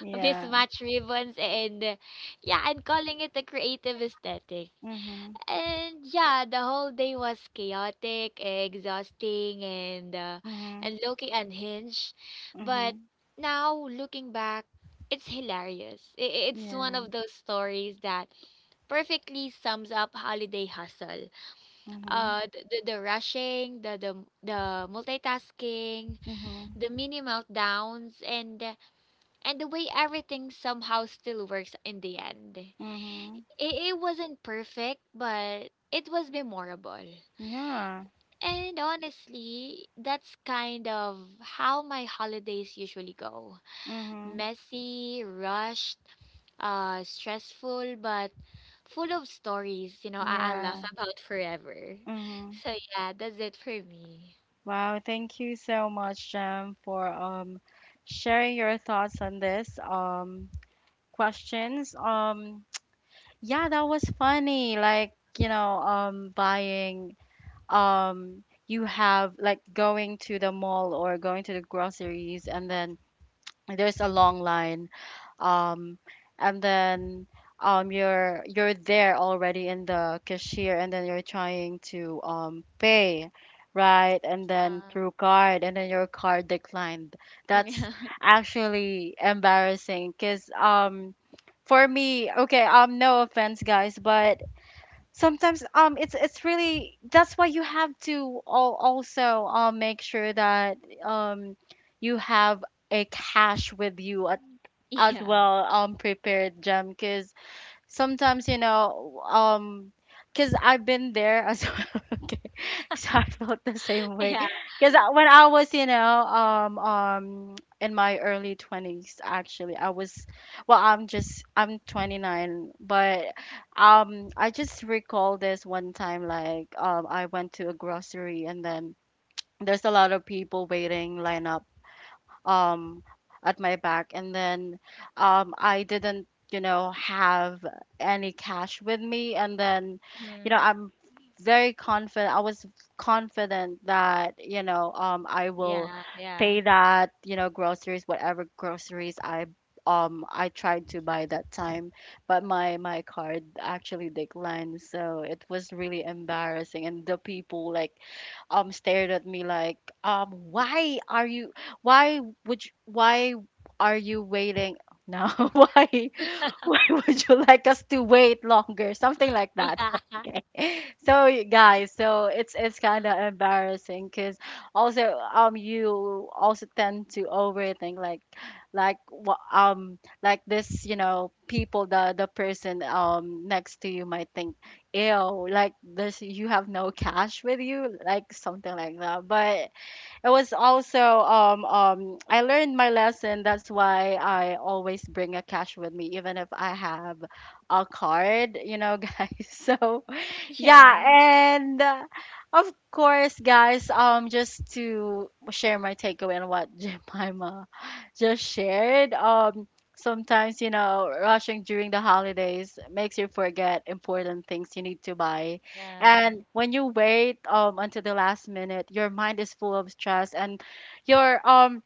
Yeah.
mismatched ribbons, and yeah, and calling it a creative aesthetic.
Mhm.
And yeah, the whole day was chaotic, exhausting, and
Mhm.
looking unhinged. But
Mhm.
now looking back, it's hilarious. It's one
Yeah.
of those stories that perfectly sums up holiday hustle.
Mhm.
The rushing, the multitasking,
Mhm.
the mini meltdowns, and the way everything somehow still works in the end.
Mhm.
AA wasn't perfect, but it was memorable.
Yeah.
And honestly, that's kind of how my holidays usually go.
Mhm.
Messy, rushed, stressful, but full of stories, you know, I'll
Yeah.
laugh about forever.
Mhm.
So yeah, that's it for me.
Wow, thank you so much, Jem, for sharing your thoughts on this questions. Yeah, that was funny. Like, you know, buying, um you have like, going to the mall or going to the groceries, and then there's a long line, um and then, you're there already in the cashier, and then you're trying to pay, right? And then
Uh,
through card, and then your card declined. That's
<laughs>
actually embarrassing, because, for me, okay, no offense, guys, but sometimes, it's really, that's why you have to also make sure that, um you have a cash with you, at
Yeah.
as
Yeah.
well, prepared, Jam, because sometimes, you know, because I've been there as <laughs> well, okay, so I felt the same way,
Yeah.
because when I was, you know, in my early 20s, actually I was, well, I'm just, I'm 29, but I just recall this one time, like, I went to a grocery, and then there's a lot of people waiting lineup um at my back, and then, I didn't, you know, have any cash with me. And then you know,
Mm.
I'm very confident, I was confident that, you know, I will
Yeah. Yeah.
pay that, you know, groceries, whatever groceries I, tried to buy that time. But my card actually declined, so it was really embarrassing, and the people like, stared at me like, why are you, why would you, why are you waiting? No, <laughs> why would you like us to wait longer? Something like that. <laughs>
<laughs>
Okay. So you guys, so it's kind of embarrassing, because also, you also tend to overthink, like, like wha- um like this, you know, people, the person next to you might think, ew, like this, you have no cash with you, like something like that. But it was also, I learned my lesson. That's why I always bring a cash with me, even if I have a card, you know, <laughs> guys. So yeah,
Yeah. Yeah.
and of course, guys, just to share my takeaway on what <laughs> Jemima just shared, sometimes, you know, rushing during the holidays makes you forget important things you need to buy.
Yeah, yeah.
And when you wait, until the last minute, your mind is full of stress, and you're,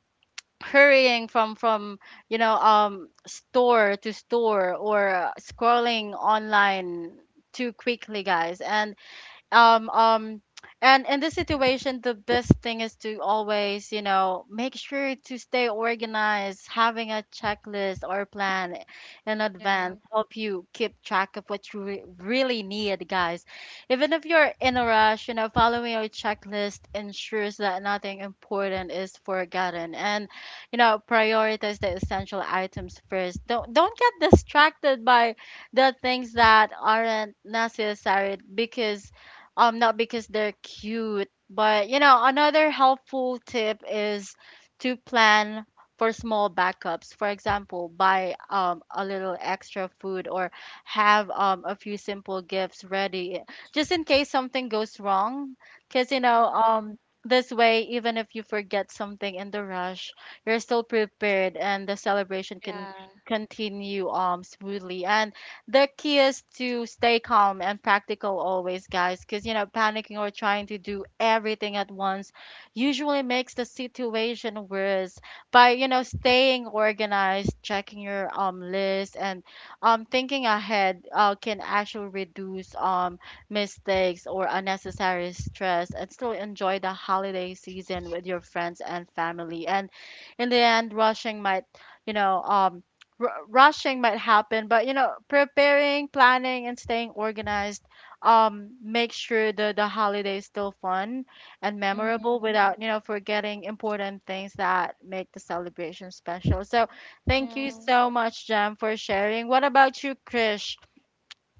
hurrying from you know store to store, or scrolling online too quickly, guys. And, um um and in this situation, the best thing is to always, you know, make sure to stay organized, having a checklist or plan in
Yeah.
advance, help you keep track of what you really need, guys. Even if you're in a rush, you know, following your checklist ensures that nothing important is forgotten. And, you know, prioritize the essential items first, don't get distracted by the things that aren't necessary, because not because they're cute. But, you know, another helpful tip is to plan for small backups. For example, buy a little extra food, or have, a few simple gifts ready, just in case something goes wrong. Because you know,
Mm-hmm.
this way, even if you forget something in the rush, you're still prepared, and the celebration can
Yeah.
continue smoothly. And the key is to stay calm and practical always, guys, because you know, panicking or trying to do everything at once usually makes the situation worse. By, you know, staying organized, checking your list, and thinking ahead, can actually reduce mistakes or unnecessary stress, and still enjoy the holiday season with your friends and family. And in the end, rushing might, you know, rushing might happen, but, you know, preparing, planning, and staying organized, make sure the holiday is still fun and memorable,
Mhm.
without, you know, forgetting important things that make the celebration special. So thank you
Yeah.
so much, Jam, for sharing. What about you, Krish?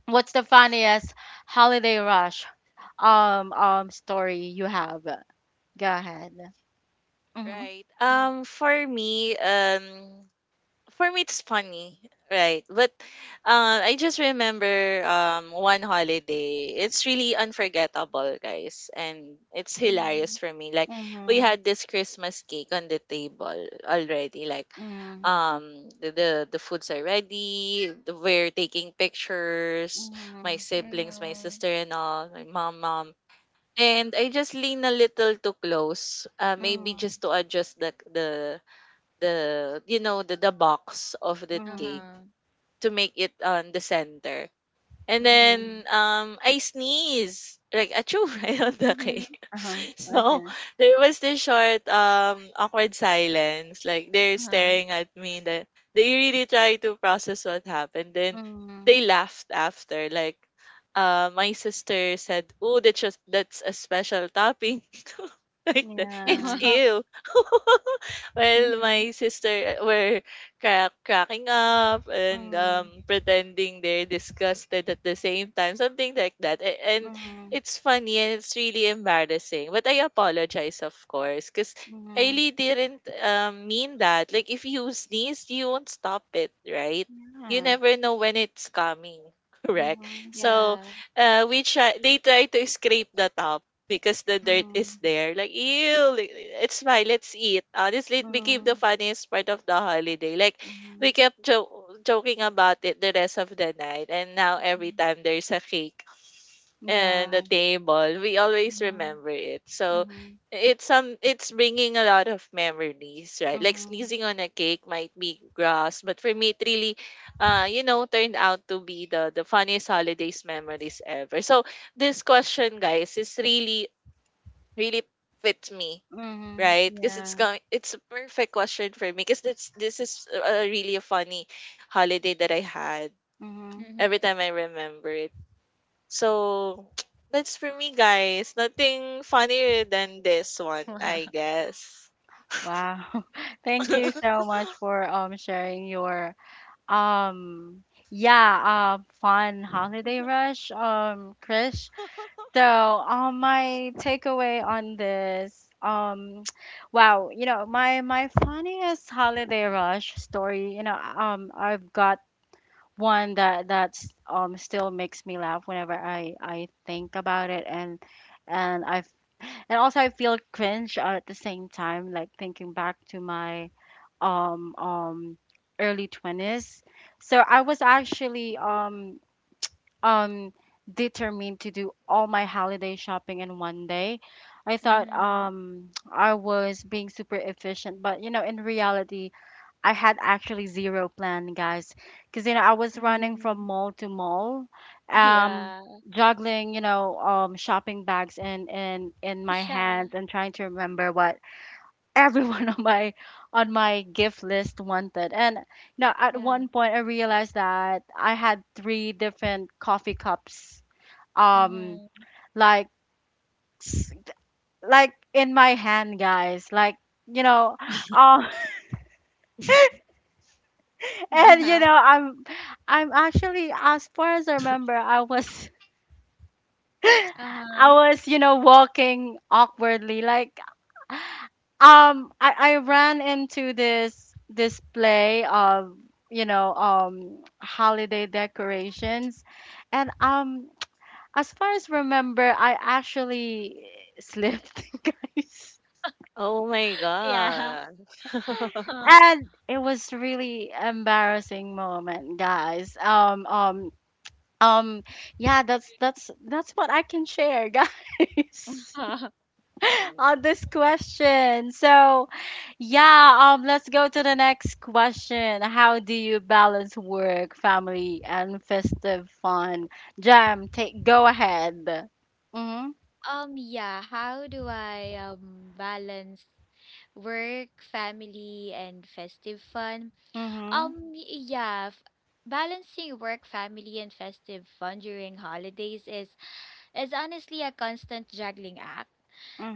What's the funniest holiday rush story you have? Go ahead. Mm-hmm.
right.
Mm.
For me it's funny, right, but I just remember one holiday. It's really unforgettable, guys, and it's hilarious
Mhm.
for me. Like, we
Mm-hmm.
had this Christmas cake on the table already. Like,
Mm-hmm.
the foods are ready, we're taking pictures, my
Mm-hmm.
siblings, my
Mhm.
sister and all, my mom, and I just lean a little too close, maybe
Mm-hmm.
just to adjust the you know, the box of the cake
Uh-huh.
to make it on the center. And
Mm-hmm.
Mhm.
then I sneeze, like achoo, <laughs> right on the
Mhm.
cake.
Uh-huh.
<laughs> So
Okay.
there was this short awkward silence. Like, they're
Uh-huh.
staring at me, that they really try to process what happened. Then
Mm.
they laughed after. Like, uh, my sister said, "Oh, that's just that's a special topping." <laughs> Like that.
Yeah.
It's
<laughs>
ill. <laughs> Well,
Mhm.
my sister were cracking up and,
Mm.
pretending they're disgusted at the same time, something like that. And
Mm.
it's funny and it's really embarrassing. But I apologize, of course, because I
Mm.
really didn't, mean that. Like, if you sneeze, you won't stop it, right? You
Yeah.
never know when it's coming, <laughs> correct?
Mm.
So,
Yeah.
we try. They try to scrape the top because the dirt is
Mm.
there. Like, ew, like, it's fine, let's eat. Honestly, it became the
Mm.
funniest part of the holiday. Like,
Mm.
we kept joking about it the rest of the night. And now, every
Hmm.
time there's a cake and a
Yeah.
table, we always
Mm.
remember it. So,
Mm.
it's some, it's bringing a lot of memories, right? Like,
Mm.
sneezing on a cake might be gross, but for me it really, uh, you know, turned out to be the funniest holidays memories ever. So this question, guys, is really really fits me,
Mm.
right? Because it's
Yeah.
going, it's a perfect question for me. Because this is a, really a funny holiday that I had.
Mm.
Mhm.
Every time I remember it, so <tsk> that's for me, guys. Nothing funnier than this one,
Wow.
I guess.
Wow. <laughs> Thank you
<laughs>
so much for sharing your, um yeah, fun holiday rush, Chris. So, my takeaway on this, <tsk> wow, you know, my funniest holiday rush story, you know, I've got one that that's still makes me laugh whenever I think about it. And and also, I feel cringe at the same time, like thinking back to my um um early 20s. So I was actually, um determined to do all my holiday shopping in one day. I thought
Mhm.
<tsk> I was being super efficient, but you know, in reality, I had actually zero plan, guys, because you know, I was running
Mhm.
from mall to mall,
<laughs>
um
Yeah.
juggling, you know, shopping bags in my
Yeah.
hands, and trying to remember what everyone <laughs> on my gift list wanted. And you know, at
Yeah.
one point I realized that I had three different coffee cups, um
Mhm.
like, s- like in my hand, guys. Like, you know, um <laughs> and you
Uh-huh.
know, I'm actually, as far as I remember, I was <laughs> I
Uh-huh.
was, you know, walking awkwardly like, I ran into this display of, you know, holiday decorations, and as far as remember I actually slipped, <laughs> guys,
Oh my
Yeah.
god.
<laughs>
<laughs>
and it was really embarrassing moment, guys, um yeah, that's what I can share, <laughs> guys,
Uh-huh.
on this question. So yeah, let's go to the next question. How do you balance work, family, and festive fun? Jam, take, go ahead. Mm-hmm.
Yeah, how do I balance work, family, and festive fun?
Mm-hmm.
Um, y- yeah, f- Balancing work, family, and festive fun during holidays is honestly a constant juggling act.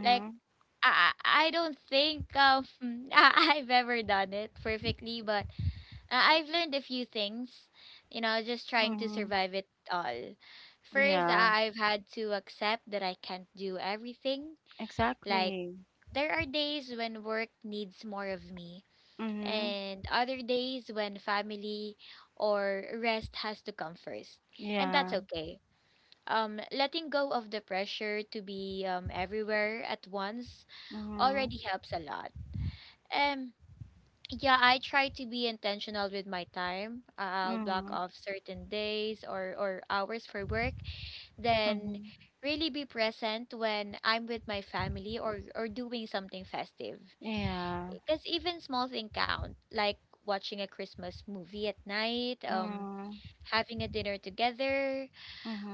Like, I don't think <laughs> I've ever done it perfectly, but I've learned a few things, you know, just trying to
Mm-hmm.
survive it all. First,
Yeah,
I've had to accept that I can't do everything. Like,
exactly.
there are days when work needs more of me
Mm-hmm.
and other days when family or rest has to come first. And that's
Yeah.
okay. Letting go of the pressure to be everywhere at once
Mm-hmm.
already helps a lot. Um, yeah, I try to be intentional with my time. I'll block
Mm-hmm.
off certain days or hours for work, then
Mm-hmm.
really be present when I'm with my family or doing something festive,
Yeah.
because even small thing count, like watching a Christmas movie at night,
Mm-hmm.
having a dinner together,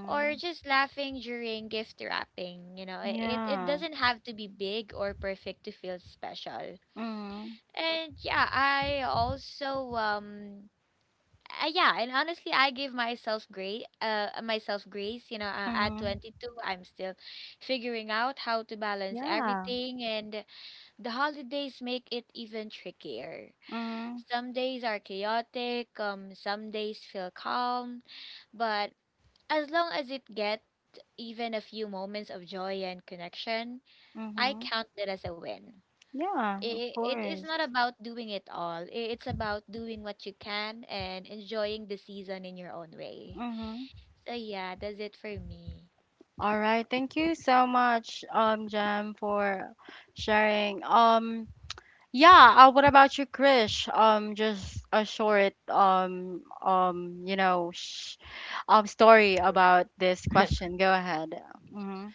or just laughing during gift wrapping. You know, it
Yeah.
doesn't have to be big or perfect to feel special.
Mm-hmm.
And yeah, I also yeah, and honestly, I give myself grace, you know, at
Mm-hmm.
22, I'm still figuring out how to balance
Yeah.
everything, and the holidays make it even trickier.
Mm-hmm.
Some days are chaotic, some days feel calm, but as long as it get even a few moments of joy and connection, I
Mm-hmm.
count that as a win.
Yeah, of
It is not
course.
about doing it all. It's about doing what you can and enjoying the season in your own way.
Mm-hmm.
So yeah, that's it for me.
All right, thank you so much, Jem, for sharing. Yeah. What about you, Krish? Just a short, you know, sh story about this
Mm. <laughs>
question. Go ahead. Mm-hmm.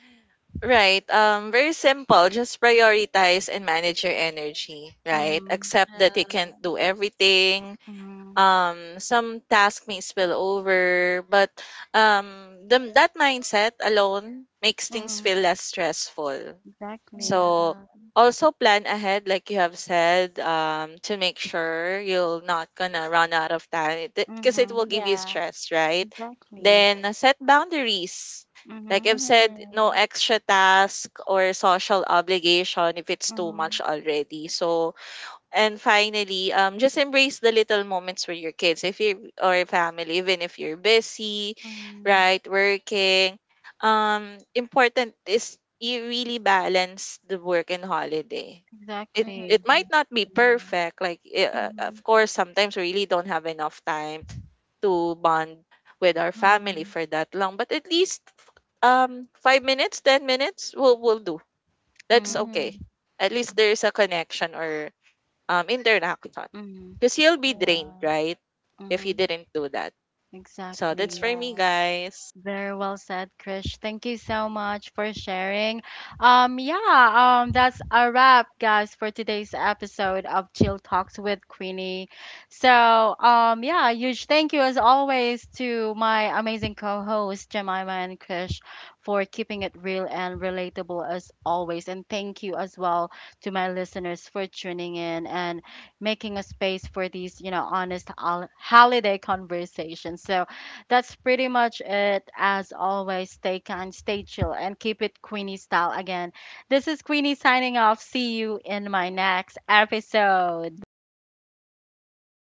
Right. Very simple. Just prioritize and manage your energy, right?
Mm-hmm.
Accept that you
Uh,
can't do everything.
Mm-hmm.
Some task may spill over, but the, that mindset alone makes things
Mm-hmm.
feel less stressful,
Exactly.
Yeah.
so also plan ahead, like you have said, to make sure you're not gonna run out of time because it will
Mm-hmm.
give
Yeah.
you stress, right?
Exactly.
Then set boundaries. Like
Mm-hmm.
I've said,
Mm-hmm.
no extra task or social obligation if it's too much
Mm-hmm.
already. So and finally, just embrace the little moments with your kids, if you or your family, even if you're busy,
Mm-hmm.
right, working. Important is you really balance the work and holiday. It
Exactly.
it might not be perfect, like eh,
Mm-hmm.
of course sometimes we really don't have enough time to bond with our family
Mm-hmm.
for that long, but at least 5 minutes, 10 minutes will do. That's
Mm-hmm.
Mm-hmm.
okay. At least there's a connection or interaction
Mm-hmm.
because you'll be
Yeah.
drained, right? If
Mm-hmm,
you didn't do that. So
Yeah.
that's
exactly.
for me,
Mm-hmm.
guys.
Very well said, Krish. Thank you so much for sharing. Yeah, that's a wrap, guys, for today's episode of Chill Talks with Queenie. So, yeah, huge thank you as always to my amazing co-hosts Jemima and Krish for keeping it real and relatable as always. And thank you as well to my listeners for tuning in and making a space for these, you know, honest holiday conversations. So that's pretty much it. As always, stay kind, stay chill, and keep it Queenie style again. This is Queenie signing off. See you in my next episode.